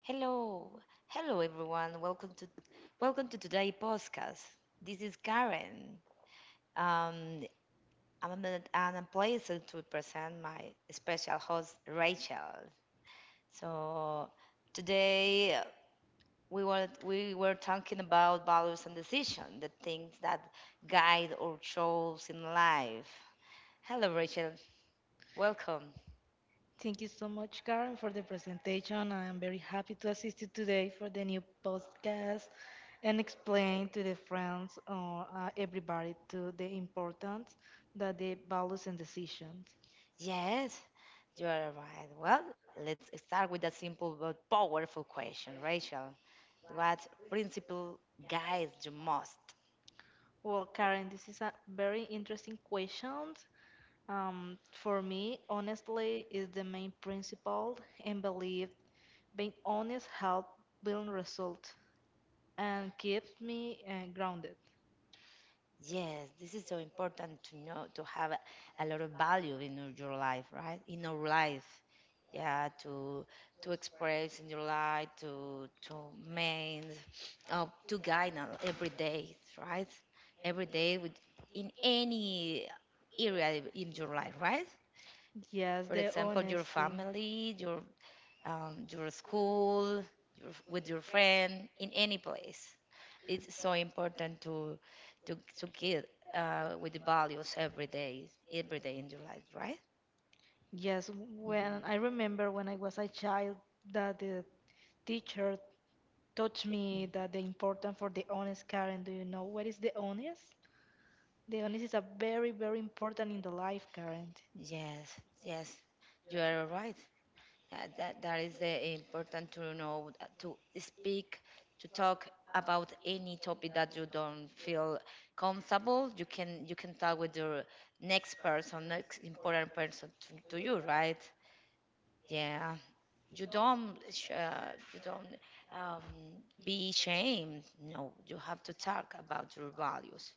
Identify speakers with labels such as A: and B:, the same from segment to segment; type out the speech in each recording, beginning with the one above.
A: Hello, hello everyone. Welcome to today's podcast. This is Karen. Um, and I'm pleased to present my special host Rachel. So today we were talking about values and decision, the things that guide our choices in life. Hello, Rachel. Welcome.
B: Thank you so much, Karen, for the presentation. I am very happy to assist you today for the new podcast and explain to the friends or everybody to the importance that the values and decisions.
A: Yes, you are right. Well, let's start with a simple but powerful question, Rachel. What principle guides you most?
B: Well, Karen, this is a very interesting question. For me, honestly is the main principle and belief. Being honest help build result and keeps me grounded.
A: Yes, this is so important to know, to have a lot of value in your life, right? In our life. Yeah, to express in your life, main to guide us every day, right? Every day with in any area in your life, right?
B: Yes,
A: For
B: the
A: example, your
B: honesty.
A: family, your school, your, with your friend, in any place. It's so important to to get with the values every day in your life, right?
B: Yes, when
A: Mhm.
B: I remember when I was a child that the teacher taught me
A: Mm.
B: that the important for the honest, Karen. Do you know what is the honest? The honest is a very, very important in the life, Karen.
A: Yes, yes, you are right. Yeah, that is the important to know to speak, to talk about any topic that you don't feel comfortable. You can talk with your next person, next important person to you, right? Yeah. You don't um, be ashamed. No, you have to talk about your values.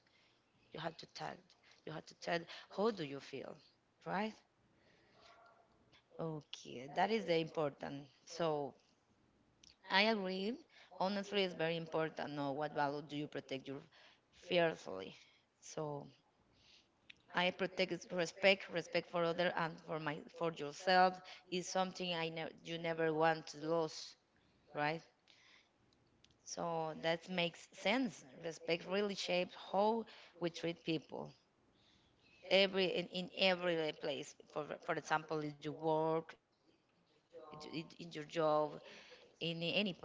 A: You have to tell, you have to tell how do you feel, right? Okay, that is the important. So I agree, honestly, it's very important know what value do you protect your fearfully. So I protect is respect, respect for other and for my, for yourself is something I never, you never want to lose, right? So that makes sense. Respect really shapes how we treat people every in every place. For example, in your work, in your job, in any place with your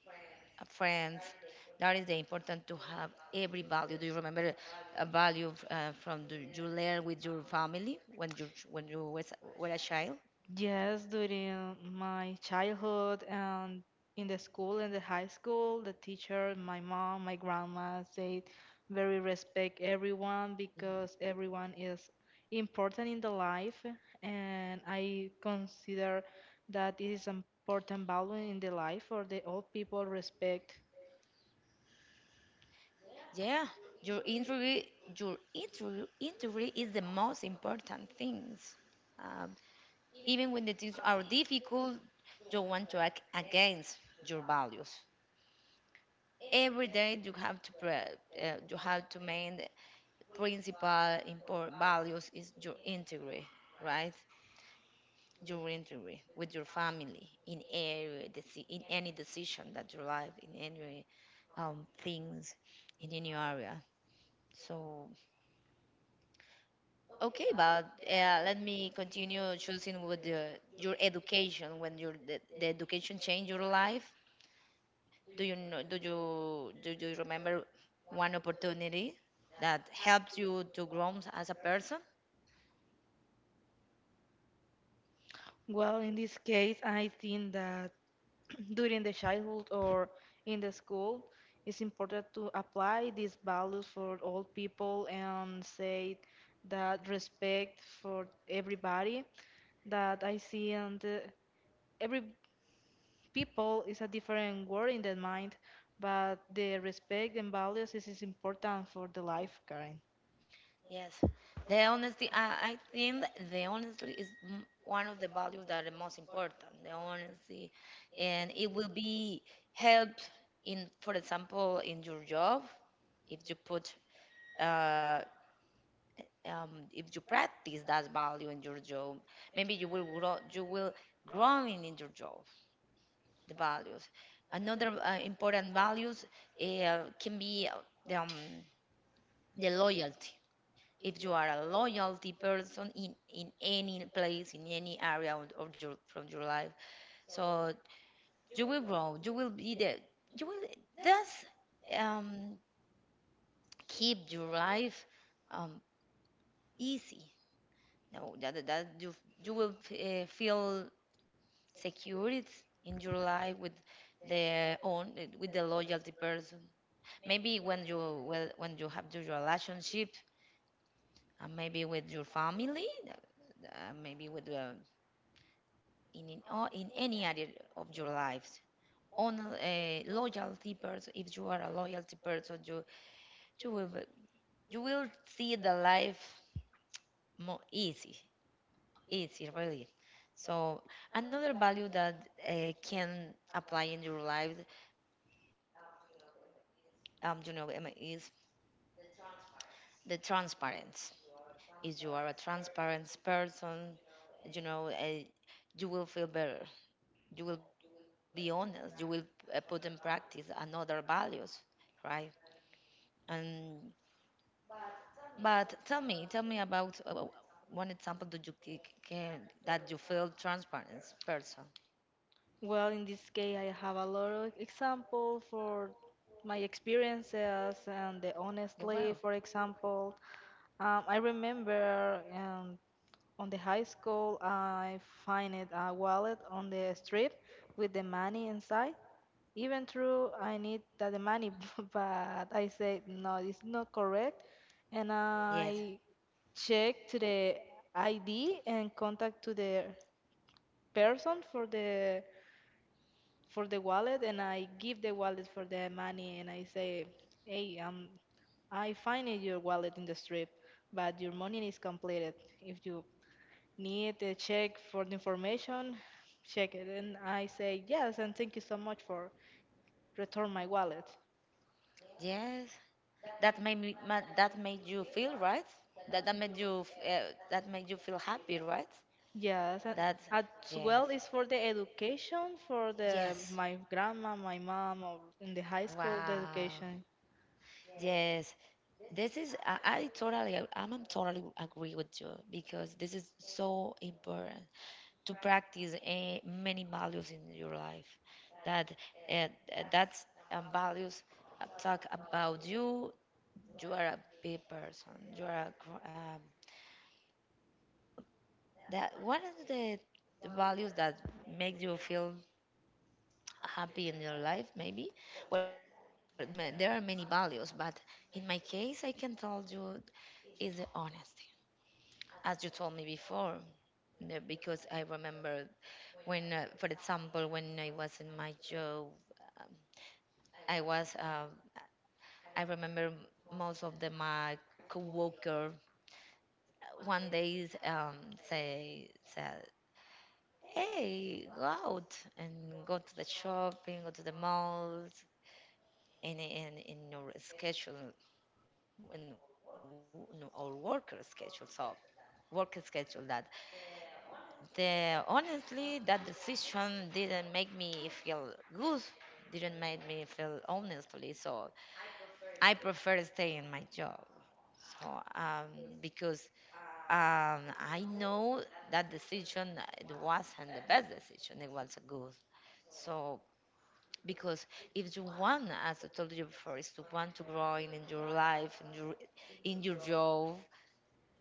A: friends. That is the important to have every value. Do you remember a value from the, you learn with your family when you was, were a child?
B: Yes, during my childhood and in the school, in the high school, the teacher, my mom, my grandma said very respect everyone because everyone is important in the life and I consider that it is important value in the life for the old people respect.
A: Yeah, your injury, your injury, injury is the most important things. Uh, Even when the things are difficult, you want to act against your values. Every day you have to you have to main principal important values is your integrity, right? Your integrity with your family in every in any decision that you life in any things in any area. So okay, but let me continue choosing with the, your education when your the education change your life. Do you know, do you remember one opportunity that helped you to grow as a person?
B: Well, in this case, I think that during the childhood or in the school it's important to apply these values for all people and say that respect for everybody that I see and every people is a different word in their mind but the respect and values is important for the life, Karen.
A: Yes. The honesty, I think the honesty is one of the values that are most important. The honesty, and it will be help in, for example, in your job if you put, uh, if you practice that value in your job. Maybe you will grow, you will growing in your job. The values. Another important values can be the, um, the loyalty. If you are a loyalty person in any place, in any area of your from your life, so you will grow. You will be the you will thus um, keep your life um, easy. No, that, that you will feel secure in your life with the own with the loyalty person maybe when you well when you have your relationship and maybe with your family maybe with or in any area of your lives on a loyalty person if you are a loyalty person you you will you will see the life more easy easy really so another value that can apply in your life you know is the transparency if you are a transparent person you know you will feel better you will be honest you will put in practice another values right and but tell me about one example that you can that you feel transparent person
B: Well, in this case I have a lot of example for my experiences and the
A: you well
B: honestly, for example. I remember on the high school, I find it a wallet on the street with the money inside. Even though I need that the money, but I said no, it's not correct, and
A: yes
B: I check to the ID and contact to the person for the wallet, and I give the wallet for the money, and I say, hey, I find it your wallet in the strip, but your money is completed if you need to check for the information, check it, and I say yes, and thank you so much for return my wallet.
A: yes that made me that made you feel right that that made you that made you feel happy right
B: Yes, and
A: that
B: as
A: yes
B: well is for the education for the
A: yes
B: my grandma, my mom, or in the high school the
A: wow
B: education.
A: yes. This is I totally I'm totally agree with you because this is so important to practice many values in your life that uh, that's values talk about you, you are a big person, you are a, that one of the values that make you feel happy in your life maybe well there are money there are many values but in my case I can tell you is the honesty as you told me before. No, because I remember when for example when I was in my job um, I was I remember most of the my coworker one day say said hey go out and go to the shopping go to the malls and in your schedule in our worker schedule so work schedule that. The honestly, that decision didn't make me feel good. Didn't make me feel honestly. So I prefer stay in my job. So because I know that decision it wasn't the best decision. It was a good. So because if you want, as I told you before, is to want to grow in your life, in your job,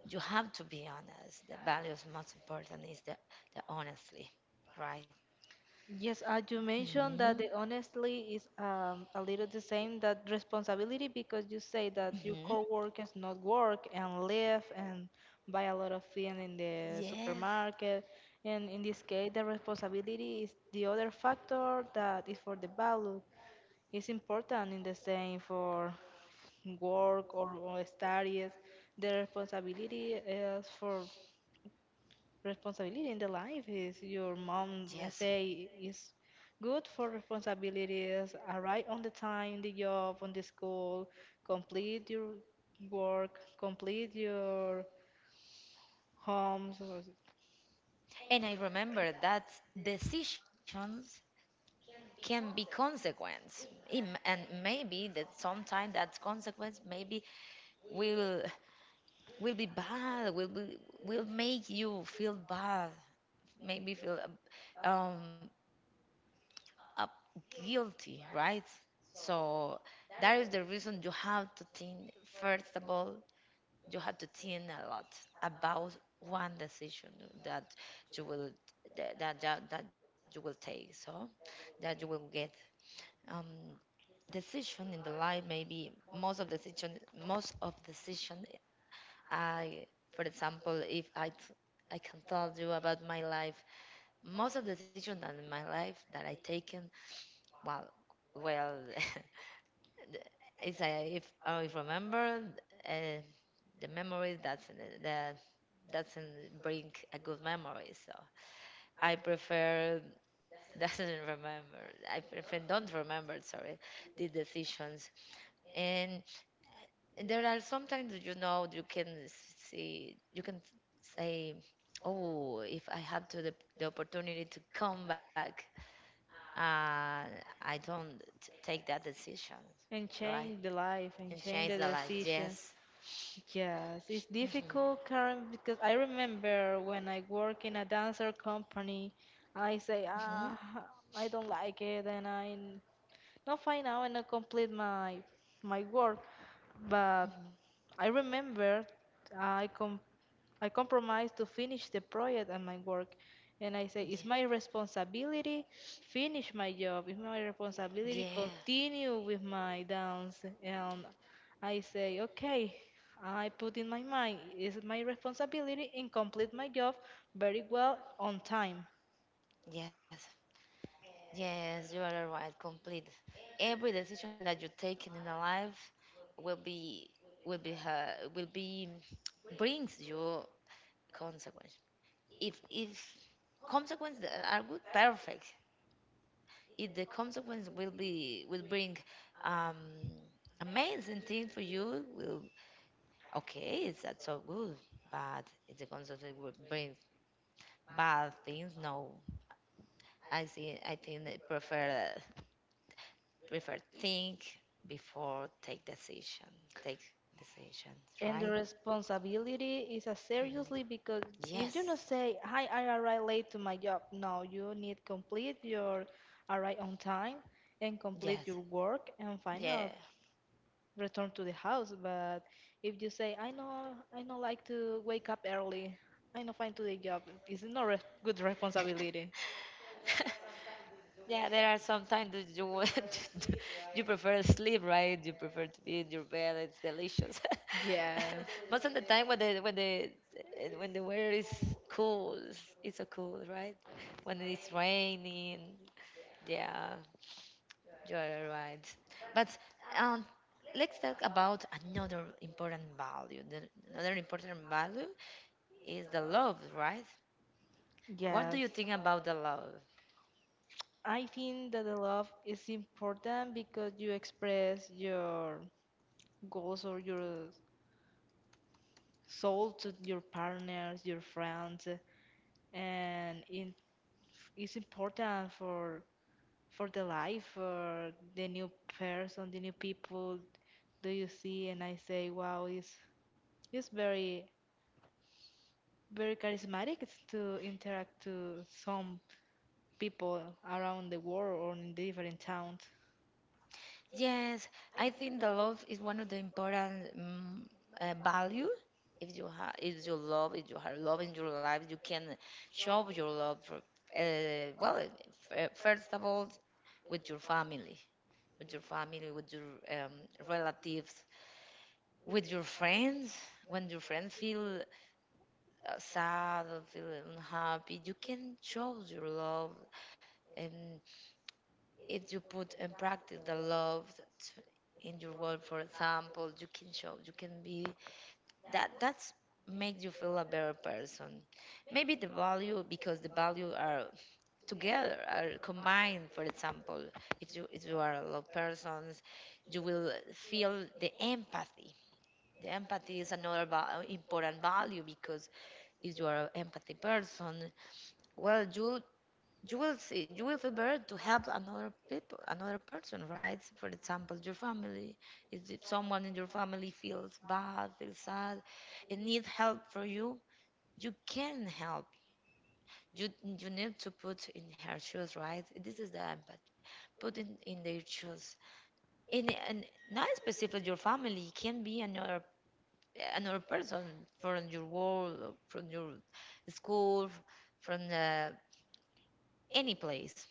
A: you have to be honest. The values most important is the honestly, right?
B: Yes, as you mentioned that
A: Hmm,
B: the honestly is a little the same that responsibility because you say that your
A: hmm.
B: coworkers not work and live and buy a lot of things in the
A: Yes,
B: supermarket. And in this case, the responsibility is the other factor that is for the value. It's important in the same for work or studies. The responsibility is for responsibility in the life is your mom
A: yes.
B: say is good for responsibilities arrive on the time the job on the school complete your work complete your homes or-
A: And I remember that decisions can be consequence. And maybe that sometime that consequence maybe will will be bad, will be, will make you feel bad, maybe feel up guilty, right? So that is the reason you have to think first of all you have to think a lot about one decision that you will that that, that that you will take so that you will get um decision in the life maybe most of decision I for example if I I can tell you about my life most of the decision in my life that I taken well well is I if I remember uh, the memories that the doesn't bring a good memory. So I prefer doesn't remember. I prefer don't remember. Sorry, the decisions. And there are sometimes you know you can see you can say, oh, if I have to the opportunity to come back, uh, I don't take that decision,
B: and change
A: right?
B: the life and
A: And
B: change the
A: change the life.
B: decision.
A: Yes.
B: Yes, it's difficult,
A: Hmm,
B: Karen, because I remember when I work in a dancer company I say, ah,
A: hmm,
B: I don't like it and I not find out and I complete my work. But
A: hmm.
B: I remember I com I compromised to finish the project and my work. And I say, it's my
A: Yeah.
B: responsibility, finish my job. It's my responsibility,
A: Yeah.
B: continue with my dance. And I say, okay, I put in my mind, it's my responsibility and complete my job very well on time.
A: Yes. Yes, you are right, complete. Every decision that you take in a life will be will be will be brings you consequence. If consequences that are good, perfect. If the consequence will be will bring um, amazing thing for you, will okay, it's that's so good. But if the consequence will bring bad things, no. I see. I think I prefer, prefer think before take decision take decisions
B: And the
A: right.
B: responsibility is a
A: Mm,
B: seriously because if you not
A: yes,
B: say, "Hi, I arrived late to my job," no, you need complete your arrive on time and complete your
A: yes,
B: work and
A: yeah
B: final return to the house. But if you say, I know, like to wake up early," I know find to the job. It's not re good responsibility.
A: yeah there are some times that you want to, you prefer to sleep right you prefer to be in your bed it's delicious most of the time
B: Yes,
A: when the when the when the weather is cool it's so cool right when it's raining yeah. You're right. But um, let's talk about another important value. The, another important value is the love, right? What do
B: yes.
A: you think about the love?
B: I think that the love is important because you express your goals or your soul to your partners, your friends, and in, it's important for the life, for the new person, the new people do you see. And I say, wow, it's very charismatic to interact to some people around the world or in different towns.
A: Yes, I think the love is one of the important value. If you have, if you love, if you have love in your life, you can show your love. For, well, first of all, with your family, with your family, with your um, relatives, with your friends when your friends feel sad or feel unhappy you can show your love and if you put in practice the love that in your work for example you can show you can be that that's make you feel a better person maybe the value because the value are together are combined for example if you are a love person you will feel the empathy. The empathy is another important value because if you are an empathy person, well, you will see you will feel better to help another people, another person, right? For example, your family. If someone in your family feels bad, feels sad, and needs help from you, you can help. You need to put in her shoes, right? This is the empathy. Put in their shoes. And not specifically your family, it can be another another person from your world, or from your school, from any place.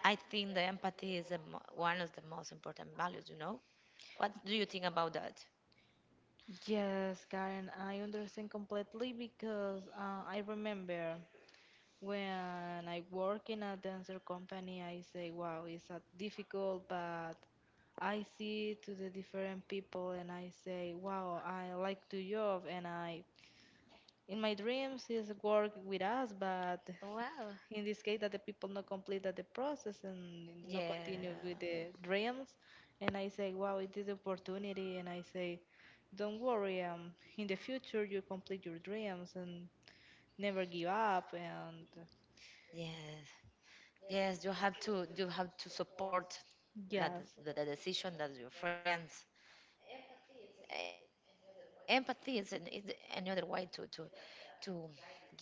A: I think the empathy is the one of the most important values. You know, what do you think about that?
B: Yes, Karen, I understand completely because I remember when I work in a dancer company, I say, wow, it's a difficult, but I see to the different people and I say, wow, I like to job and I, in my dreams is work with us, but
A: Wow.
B: in this case that the people not completed the process and not
A: Yeah.
B: continue with the dreams. And I say, wow, it is opportunity. And I say, don't worry, in the future you complete your dreams and never give up. And
A: Yes. Yes. You have to. You have to support that
B: yes.
A: the decision that your friends. Empathy is another way to give a to guide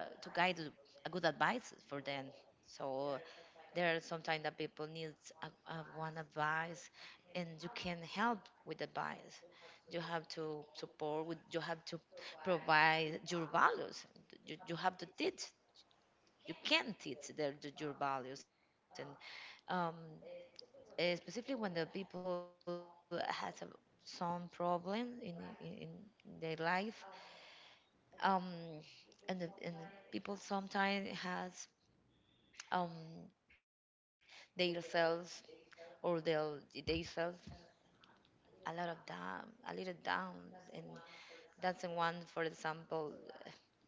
A: a good advice for them. So, there are sometimes that people need one advice, and you can help with advice. You have to support. You have to provide your values. You have to teach. You can teach your values, and um, specifically when the people has some problem in in their life. Um, and the people sometimes has um themselves or their themselves a lot of down, a little downs, and doesn't want, for example, to lie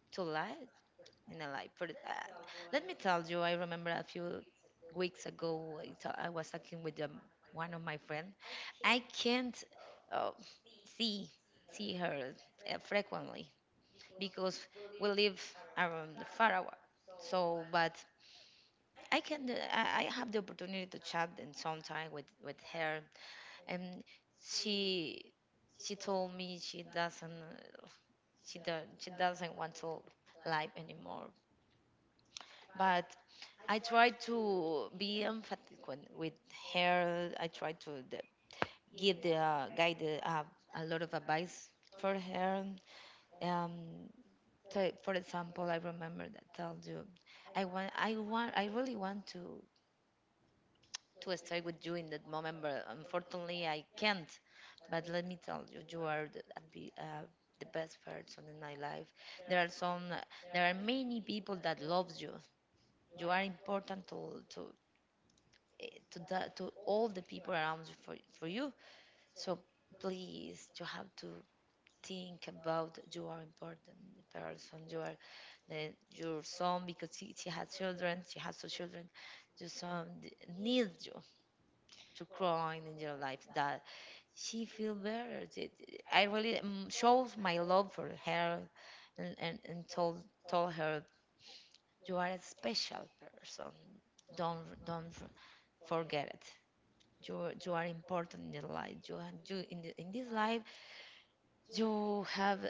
A: in a life. For Let me tell you, I remember a few weeks ago, I was talking with one of my friends. I can't uh, see see her frequently because we live around far away. So, but I can, I have the opportunity to chat and sometime with her, and she she told me she doesn't, she do, she doesn't want to live anymore. But I tried to be emphatic with her. I tried to the, give the guide a lot of advice for her. um so, for example, I remember that tell you, I really want to stay with you in that moment, but unfortunately I can't. But let me tell you, you are the best person in my life. There are some, there are many people that loves you. You are important to all the people around you for you. So please, you have to think about you are important person. Your son, because she has children. She has two children. Your son needs you to growing in your life that she feel better. I really shows my love for her, and, and told her you are a special person. Don't forget it. You are important in your life. You in this life you have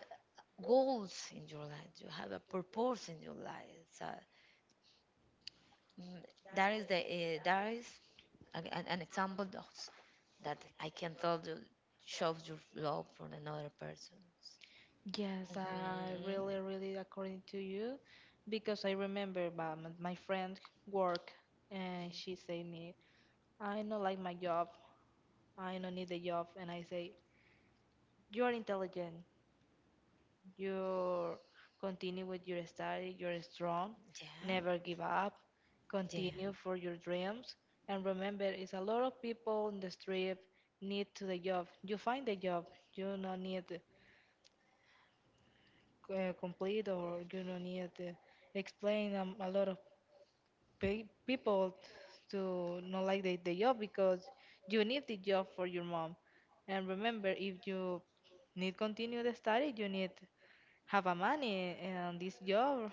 A: goals in your life. You have a purpose in your life. So, mm, that is an example of that I can tell you shows your love for another person.
B: Yes, I
A: Mhm.
B: really, really according to you, because I remember my friend work and she say me, I don't like my job, I don't need the job, and I say, you are intelligent, you continue with your study, you're strong, never
A: Yeah,
B: give up,
A: yeah,
B: continue for your dreams, and remember, it's a lot of people in the street need to the job. You find the job, you don't need. Complete or you don't need to explain a lot of people to not like the job because you need the job for your mom and remember if you need continue the study you need have a money and this job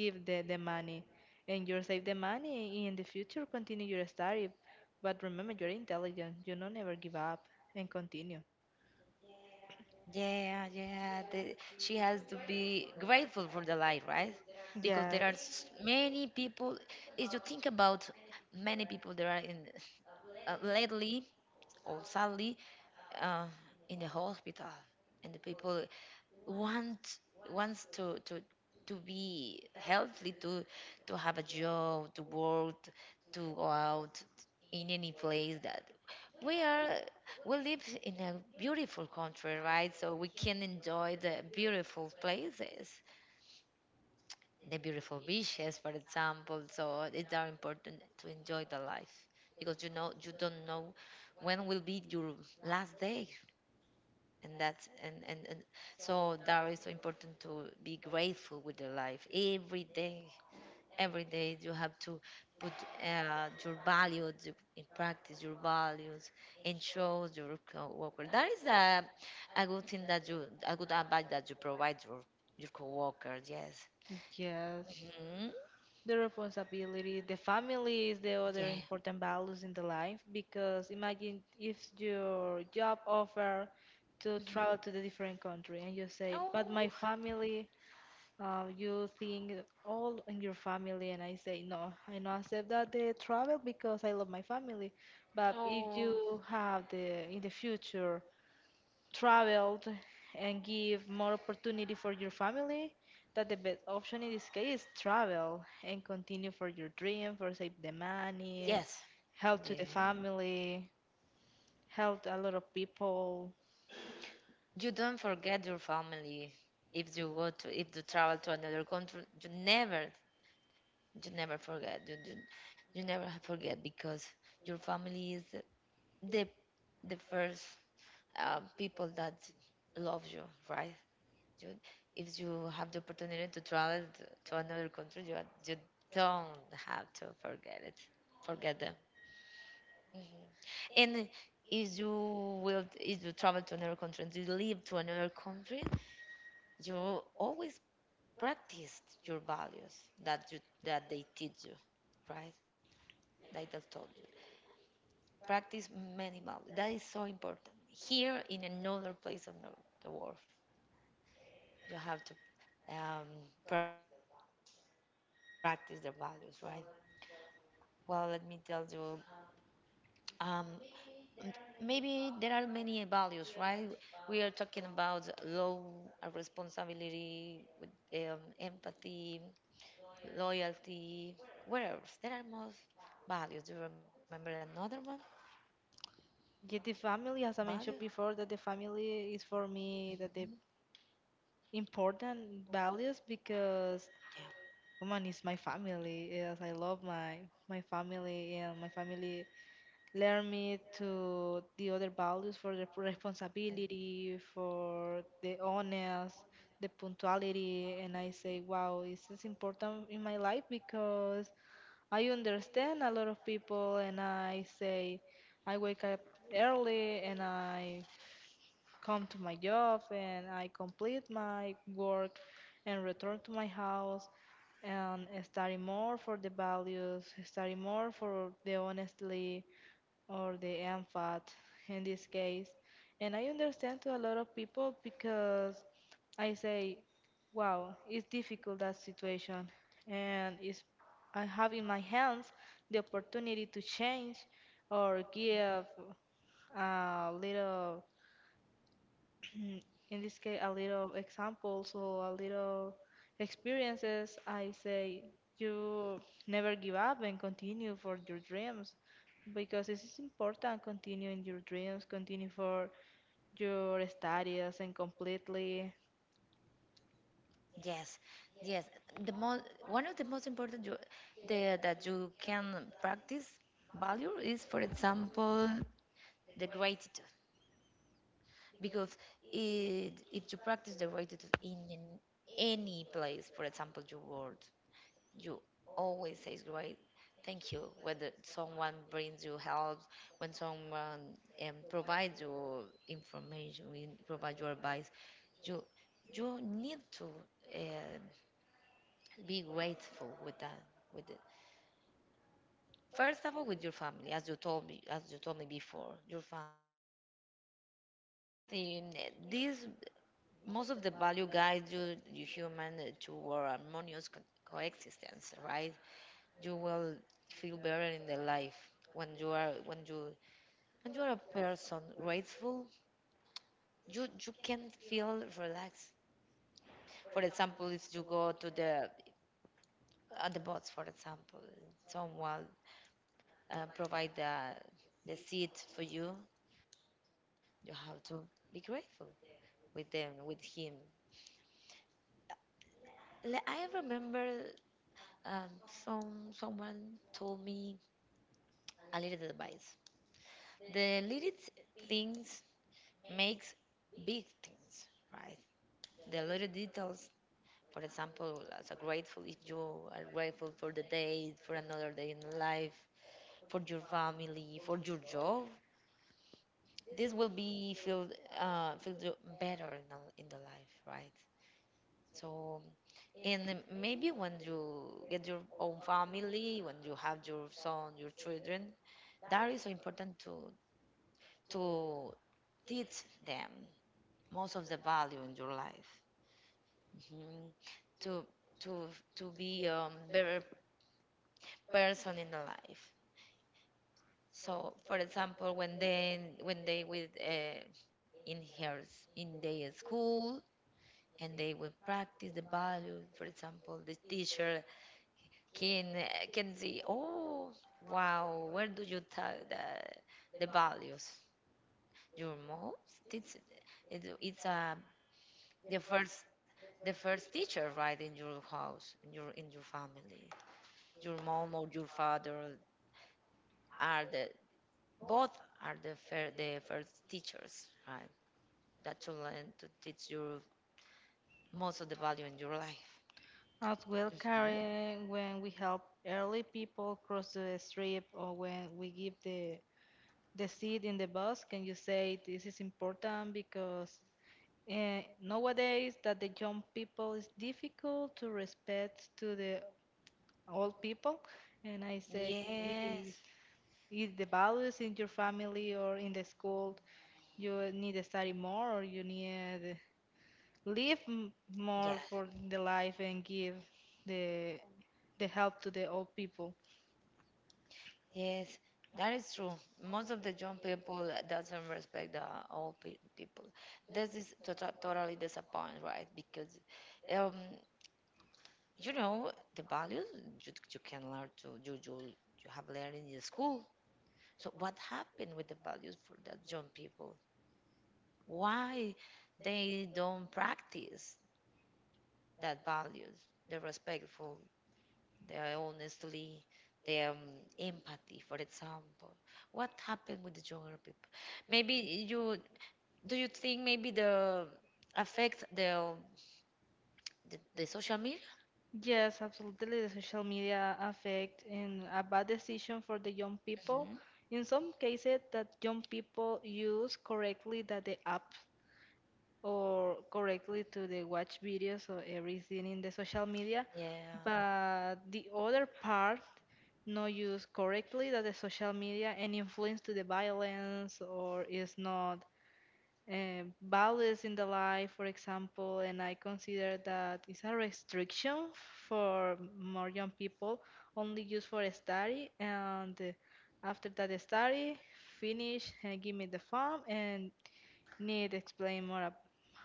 B: give the money and you save the money in the future continue your study but remember you're intelligent you know never give up and continue.
A: yeah, yeah. She has to be grateful for the life, right? Because there are many people. If you think about many people, there are, in lately or sadly, uh, in the hospital, and the people want wants to be healthy, to have a job, to work, to go out in any place, that we are we live in a beautiful country, right? So we can enjoy the beautiful places, the beautiful beaches, for example. So it's very important to enjoy the life, because you don't know when will be your last day. And so that is so important to be grateful with the life every day. Every day you have to put in practice your values, and show your coworker that is a good thing, that you a good advice that you provide your coworker. Yes.
B: Yes,
A: Hmm.
B: the responsibility, the family is the other
A: Yeah.
B: important values in the life because imagine if your job offer to travel
A: Hmm.
B: to the different country and you say,
A: Oh,
B: but my family, you think all in your family and I say, no, I not accept that the travel because I love my family. But if you have the in the future traveled and give more opportunity for your family, that the best option in this case is travel and continue for your dream, for save the money,
A: yes.
B: help to the
A: Yeah.
B: family, help a lot of people.
A: You don't forget your family. If you travel to another country, you never forget you, you, you never forget, because your family is the the first people that love you, right? you, if you have the opportunity to travel to another country, you don't have to forget them. Mhm. And if you travel to another country and you live to another country, you always practice your values that you that they teach you, right? Like I told you. Practice minimal. That is so important. Here, in another place on the world, you have to um, practice their values, right? Well, let me tell you, um, m- maybe there are many values, right? We are talking about low, responsibility, with empathy, loyalty. What else? There are more values. Do you remember another one?
B: Get the
A: Value?
B: family, as I mentioned before, that the family is for
A: Mhm.
B: me that the important values because woman is my family. Yes, I love my family and my family learn me to the other values for the
A: Yeah.
B: responsibility, for the honest, the punctuality, and I say, wow, this is important in my life because I understand a lot of people, and I say, I wake up early and I come to my job and I complete my work and return to my house and study more for the values, study more for the honestly or the empath in this case. And I understand to a lot of people because I say, wow, it's difficult that situation, and it's I have in my hands the opportunity to change or give a little. Mm, in this case a little examples or a little experiences I say you never give up and continue for your dreams because it is important continue in your dreams continue for your studies and completely
A: Yes, yes. The most One of the most important, that you can practice value is, for example, the gratitude. Because if you practice the gratitude in any place, for example, your world, you always say great, thank you. Whether someone brings you help, when someone provides you information, provides you advice, you you need to. Um, be grateful with that with it, first of all with your family, as you told me before, your family. Because I think this most of the value guides you human toward harmonious coexistence, right? You will feel better in the life when you are a person grateful, you can feel relaxed. For example, if you go to the on the boats. For example, someone provide the seed for you, you have to be grateful with him. Like, I remember um, someone told me a little advice. The little things makes big things, right? The little details. For example, as a grateful, if you are grateful for the day, for another day in life, for your family, for your job, this will be feel feel the- better in the life, right? So and then maybe when you get your own family, when you have your son, your children, that is so important to teach them most of the value in your life. Mhm. to to to be a better person in the life. So, for example, when they with in their school, and they will practice the value. For example, the teacher can can see, oh wow, where do you tell the values? Your mom? It's it's the first teacher, right? In your house, in your family. Your mom or your father are the both, are the first teachers, right? That you learn to teach you most of the value in your life.
B: as well,
A: Mhm.
B: Karen, when we help early people cross the street or when we give the seat in the bus can you say this is important because nowadays, that the young people is difficult to respect to the old people, and I say, hey,
A: Yes.
B: if the values in your family or in the school, you need to study more or you need live more
A: Yes.
B: for the life and give the the help to the old people.
A: Yes, that is true. Most of the young people doesn't respect the old people. This is totally disappointing, right? Because, um, the values you, you can learn to you, you you have learned in the school. So what happened with the values for that young people? Why they don't practice that values, the respectful, their honestly their empathy, for example? What happened with the younger people? Maybe you do you think maybe the affect the social media?
B: Yes, absolutely. The social media affect and a bad decision for the young people.
A: Mhm.
B: In some cases, that young people use correctly that the app or correctly to the watch videos or everything in the social media,
A: Yeah,
B: but the other part not used correctly that the social media and influence to the violence or is not values in the life, for example, and I consider that it's a restriction for more young people, only used for study. And after that study, finish and give me the form and need explain more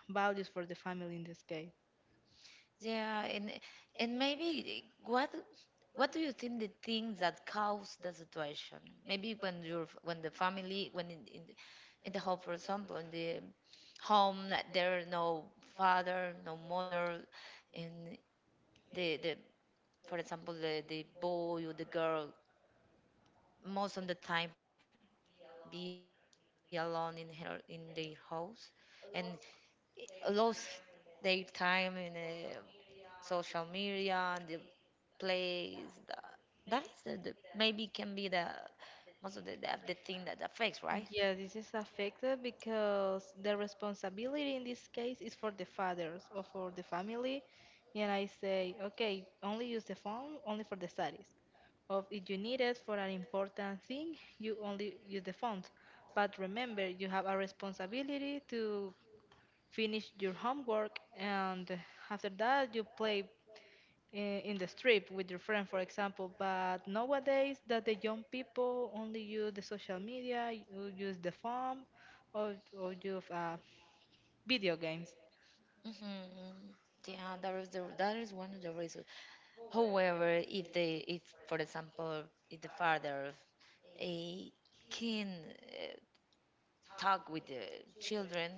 B: values for the family in this case.
A: yeah. And maybe, what do you think the things that cause the situation? Maybe when your when the family, when in the home, for example, in the home that there are no father, no mother. And the for example the boy or the girl most of the time be alone in their house, and lose their time in social media and the plays. That is the maybe can be the most of the thing that affects, right?
B: Yeah, this is affected because the responsibility in this case is for the fathers or for the family. And I say, okay, only use the phone only for the studies. Or if you need it for an important thing, you only use the phone. But remember, you have a responsibility to finish your homework, and after that, you play i- in the street with your friend, for example. But nowadays, that the young people only use the social media, you use the phone, or use video games
A: Hmm. Yeah, that is the that is one of the reasons. However, if they if for example, if the father a can uh, talk with the children,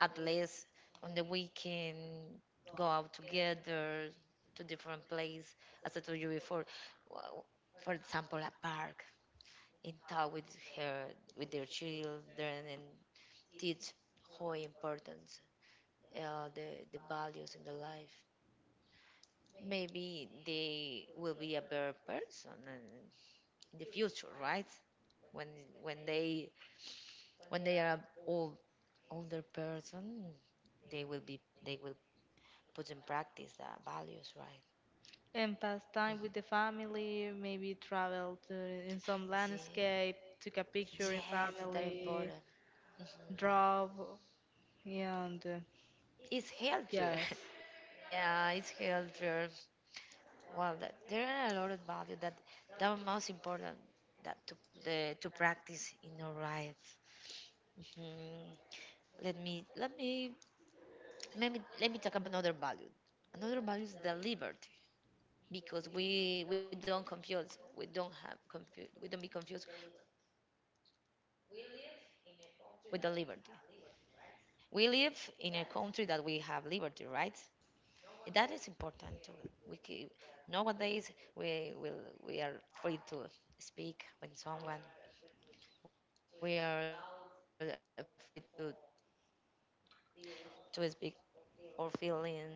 A: at least on the weekend go out together to different place, as I told you before, w- for example a park, and talk her with their children, and teach how important uh, the, the values in the life. Maybe they will be a better person and in the future, right? When when they when they are old older person, they will put in practice the values, right?
B: and pass
A: Mm.
B: time with the family. Maybe travel to in some
A: Ye-
B: landscape, took a picture in
A: yes, it's very
B: family,
A: important.
B: drive, and
A: It's healthier.
B: yes.
A: Yeah, it's healthier. Well, there are a lot of values that the most important that to practice in our life. Mhm. let me let me let me talk about another value. Another value is the liberty, because we don't confuse we don't have confuse we don't be confused with the liberty. We live in a country that we have liberty, right? And that is important to we keep. Nowadays we will we are free to speak. When someone We are free to speak about how our feel feelings.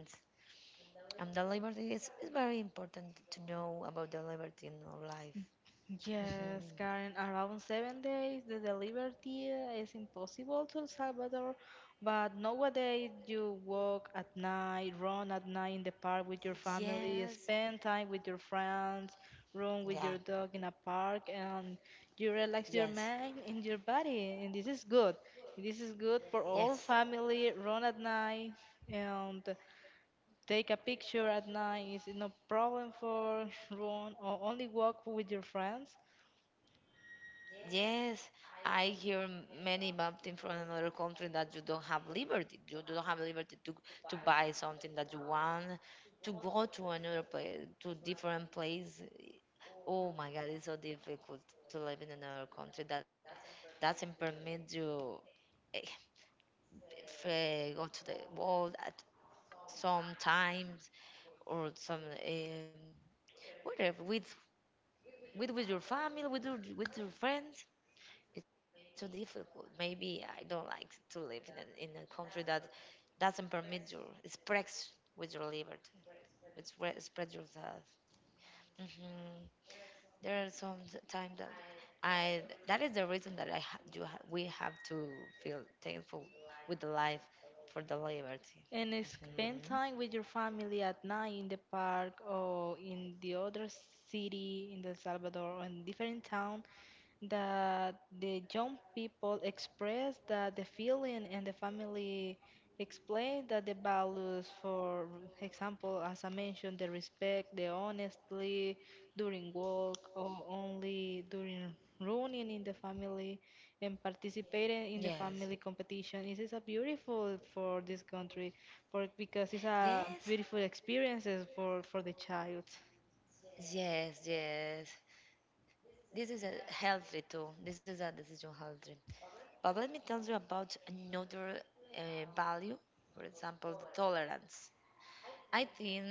A: And the liberty is very important to know about the liberty in our life.
B: Yes,
A: Mhm.
B: Karen, around 7 days, the delivery is impossible to El Salvador, but nowadays you walk at night, run at night in the park with your family,
A: Yes.
B: spend time with your friends, run with your
A: Yeah.
B: dog in a park, and you relax your
A: Yes.
B: mind and your body, and this is good. This is good for all
A: Yes.
B: family, run at night and take a picture at night. It's no problem for run or only walk with your friends
A: Yes. I hear many something from another country that you don't have liberty. You don't have liberty to buy something that you want, to go to another place, to different place. Oh my God, it's so difficult to live in another country that doesn't permit you eh, go to the world at some times or some um, whatever with your family, with your friends, it's so difficult. Maybe I don't like to live in a country that doesn't permit you express with your liberty. It's spreads yourself. Hmm There are some time that that is the reason that I ha- do, ha- we have to feel thankful with the life for the liberty.
B: and spend
A: Hmm
B: time with your family at night in the park or in the other city in El Salvador or in different town that the young people express that the feeling and the family explain that the values, for example, as I mentioned, the respect, the honestly during work or only during running in the family and participating in the
A: Yes.
B: family competition. This is a beautiful for this country for because it's a
A: Yes.
B: beautiful experiences for the child.
A: Yes. This is a healthy too. This is a decision healthy. But let me tell you about another uh, value, for example, the tolerance. I think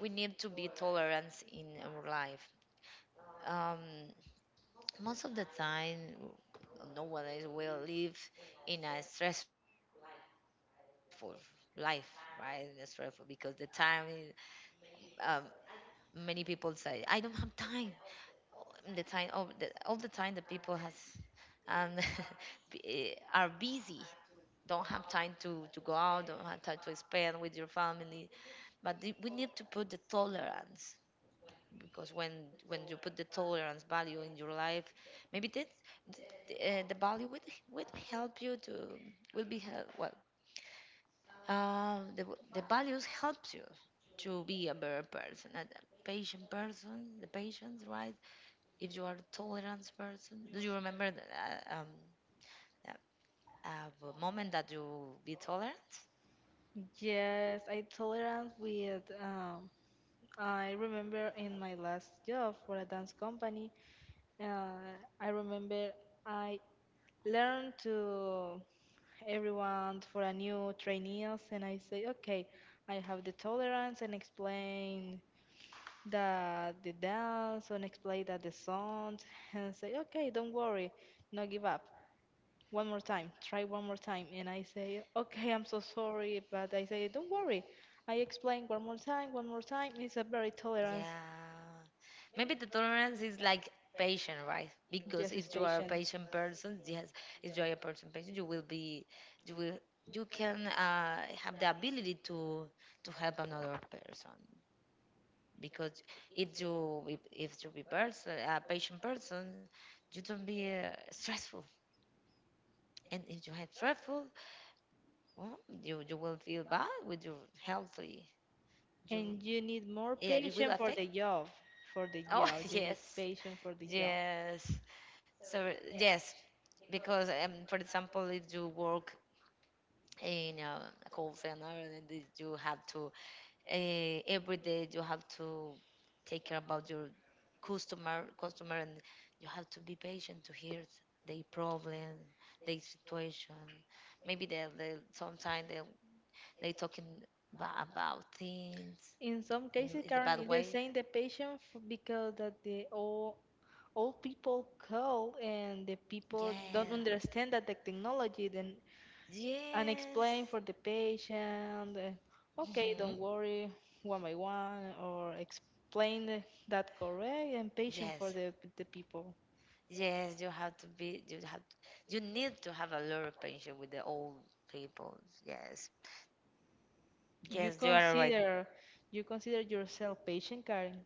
A: we need to be tolerant in our life. Um, most of the time, nowadays we live in a stressful life, right? It's stressful because the time, um, many people say, I don't have time. The time, all the time, the people has um, are busy, don't have time to go out, don't have time to spend with your family. But we need to put the tolerance, because when you put the tolerance value in your life, maybe the value would help you to will be help well. Uh, the the values helps you to be a better person, a patient person, the patience, right? If you are a tolerance person, do you remember the, uh, moment that you be tolerant?
B: Yes, I tolerance with I remember in my last job for a dance company, uh, I remember I learned to everyone for a new trainees, and I say, okay, I have the tolerance and explain the dance and explain that the sound and say, okay, don't worry, no give up. One more time, try one more time, and I say, okay, I'm so sorry, but I say, don't worry. I explain one more time, one more time. It's a very tolerance.
A: Yeah. Maybe the tolerance is like patient, right? Because
B: Yes, it's
A: if you are a
B: patient.
A: patient person, yes, if you are a person patient, you will, you can have the ability to help another person. Because if you be person a patient person, you don't be stressful. And if you have stressful, well, you will feel bad with your healthy. You,
B: And you need more
A: yeah, it will
B: patience for
A: affect.
B: the job. For the
A: Oh
B: job, you need
A: yes,
B: patience for the job.
A: yes. So yes, because for example, if you work in a call center, and then you have to every day you have to take care about your customer, customer, and you have to be patient to hear their problem, their situation. Maybe they sometimes they talking about things
B: In some cases,
A: in a
B: Karen,
A: bad
B: it is
A: way.
B: saying the patient because that the old people call and the
A: Yeah.
B: people don't understand that the technology then and
A: Yes.
B: explain for the patient. Okay,
A: hmm
B: don't worry, one by one, or explain that correct and patient for
A: Yes.
B: the people.
A: You have, you need to have a lot of patience with the old people. Yes,
B: You
A: yes, you are right.
B: consider yourself patient, Karen?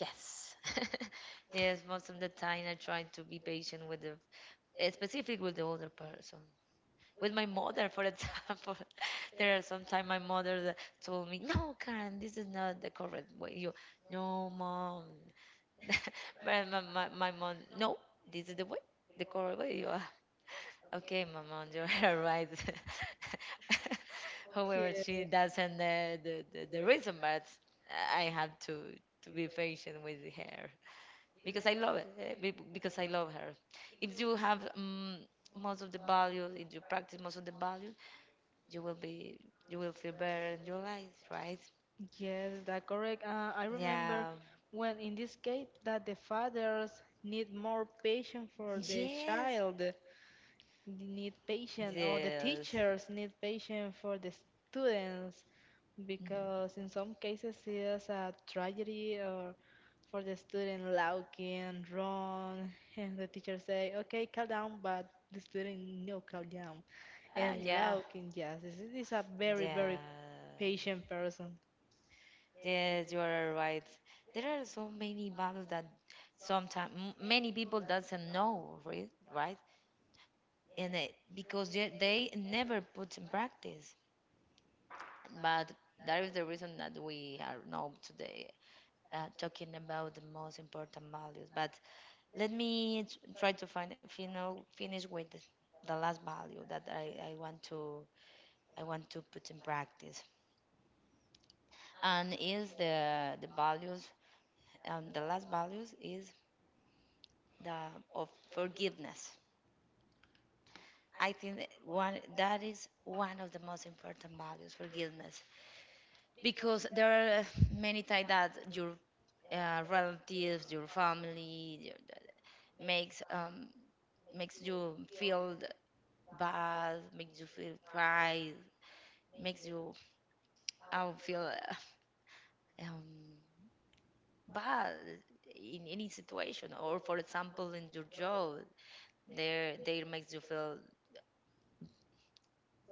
A: Yes, yes, most of the time I try to be patient with the, specific with the older person. With my mother, for example, there are sometimes my mother that told me, "No, Karen, this is not the correct way." You, no, mom. My mom, no, this is the way, the correct way. You are. Okay, Maman, you are right. However,
B: Yes.
A: she doesn't the reason, but I have to be patient with her because I love it. Because I love her. If you have most of the values, if you practice most of the values, you will be you will feel better in your life, right?
B: Yes, that correct. I remember
A: Yeah.
B: when in this case that the fathers need more patience for the
A: Yes.
B: child, they need patience, or the
A: Yes.
B: teachers need patience for the students,
A: Mhm.
B: because in some cases it's a tragedy or for the student looking, run, and the teacher say, okay, calm down, but the student no calm down,
A: Ah,
B: and
A: yeah.
B: looking, yes, this is a very, very
A: Yeah.
B: patient person.
A: Yes, you are right. There are so many battles that sometimes many people doesn't know, right? And it, because they never put in practice. But that is the reason that we are now today talking about the most important values. But let me try to find, you know, finish with the last value that I want to put in practice, and is the values. The last values is the of forgiveness. I think that one that is one of the most important values, forgiveness, because there are many times that your relatives, your family, your, makes makes you feel bad, makes you feel pride, makes you feel um, bad in any situation. Or for example, in your job, there makes you feel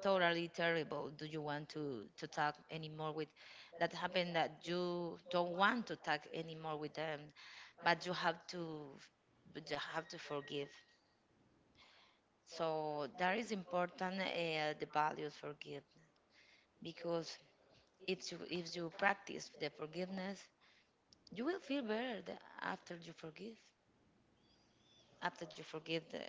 A: totally terrible, do you want to talk anymore with that happened that you don't want to talk anymore with them, but you have to, but you have to forgive, so that is important, the values forgiveness, because if you practice the forgiveness, you will feel better. After you forgive, after you forgive the,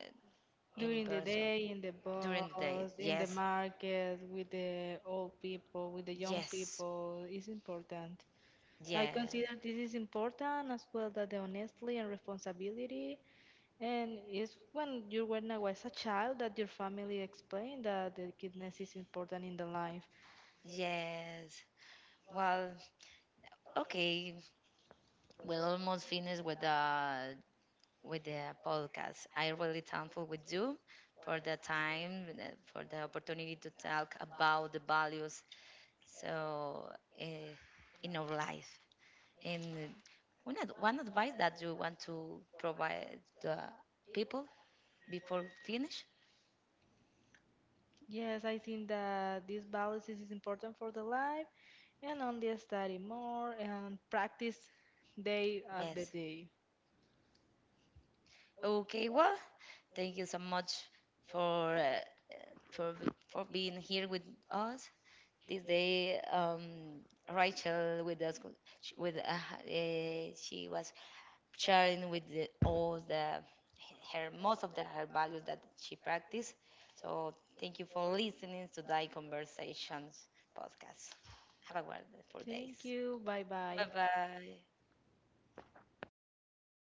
A: any
B: During the
A: person
B: day, in the
A: during the day.
B: bus, in the
A: Yes,
B: market, with the old people, with the young
A: yes,
B: people, is important. I consider
A: yes,
B: this is important as well that the honesty and responsibility. And it's when you when I was a child that your family explained that the kindness is important in the life.
A: yes, well, okay. We're almost finished with the podcast. I really thankful with you for the time, for the opportunity to talk about the values so uh, in our life. And one one advice that you want to provide the people before finish?
B: Yes, I think that this balance is important for the life and only study more and practice day after
A: Yes.
B: day.
A: Okay. Well, thank you so much for for for being here with us this day, Rachel with us, sh- with she was sharing with the, all the her most of the her values that she practiced. So thank you for listening to Thy Conversations podcast. Have a wonderful
B: Thank
A: days.
B: you. Bye bye.
A: Bye bye. Thank you.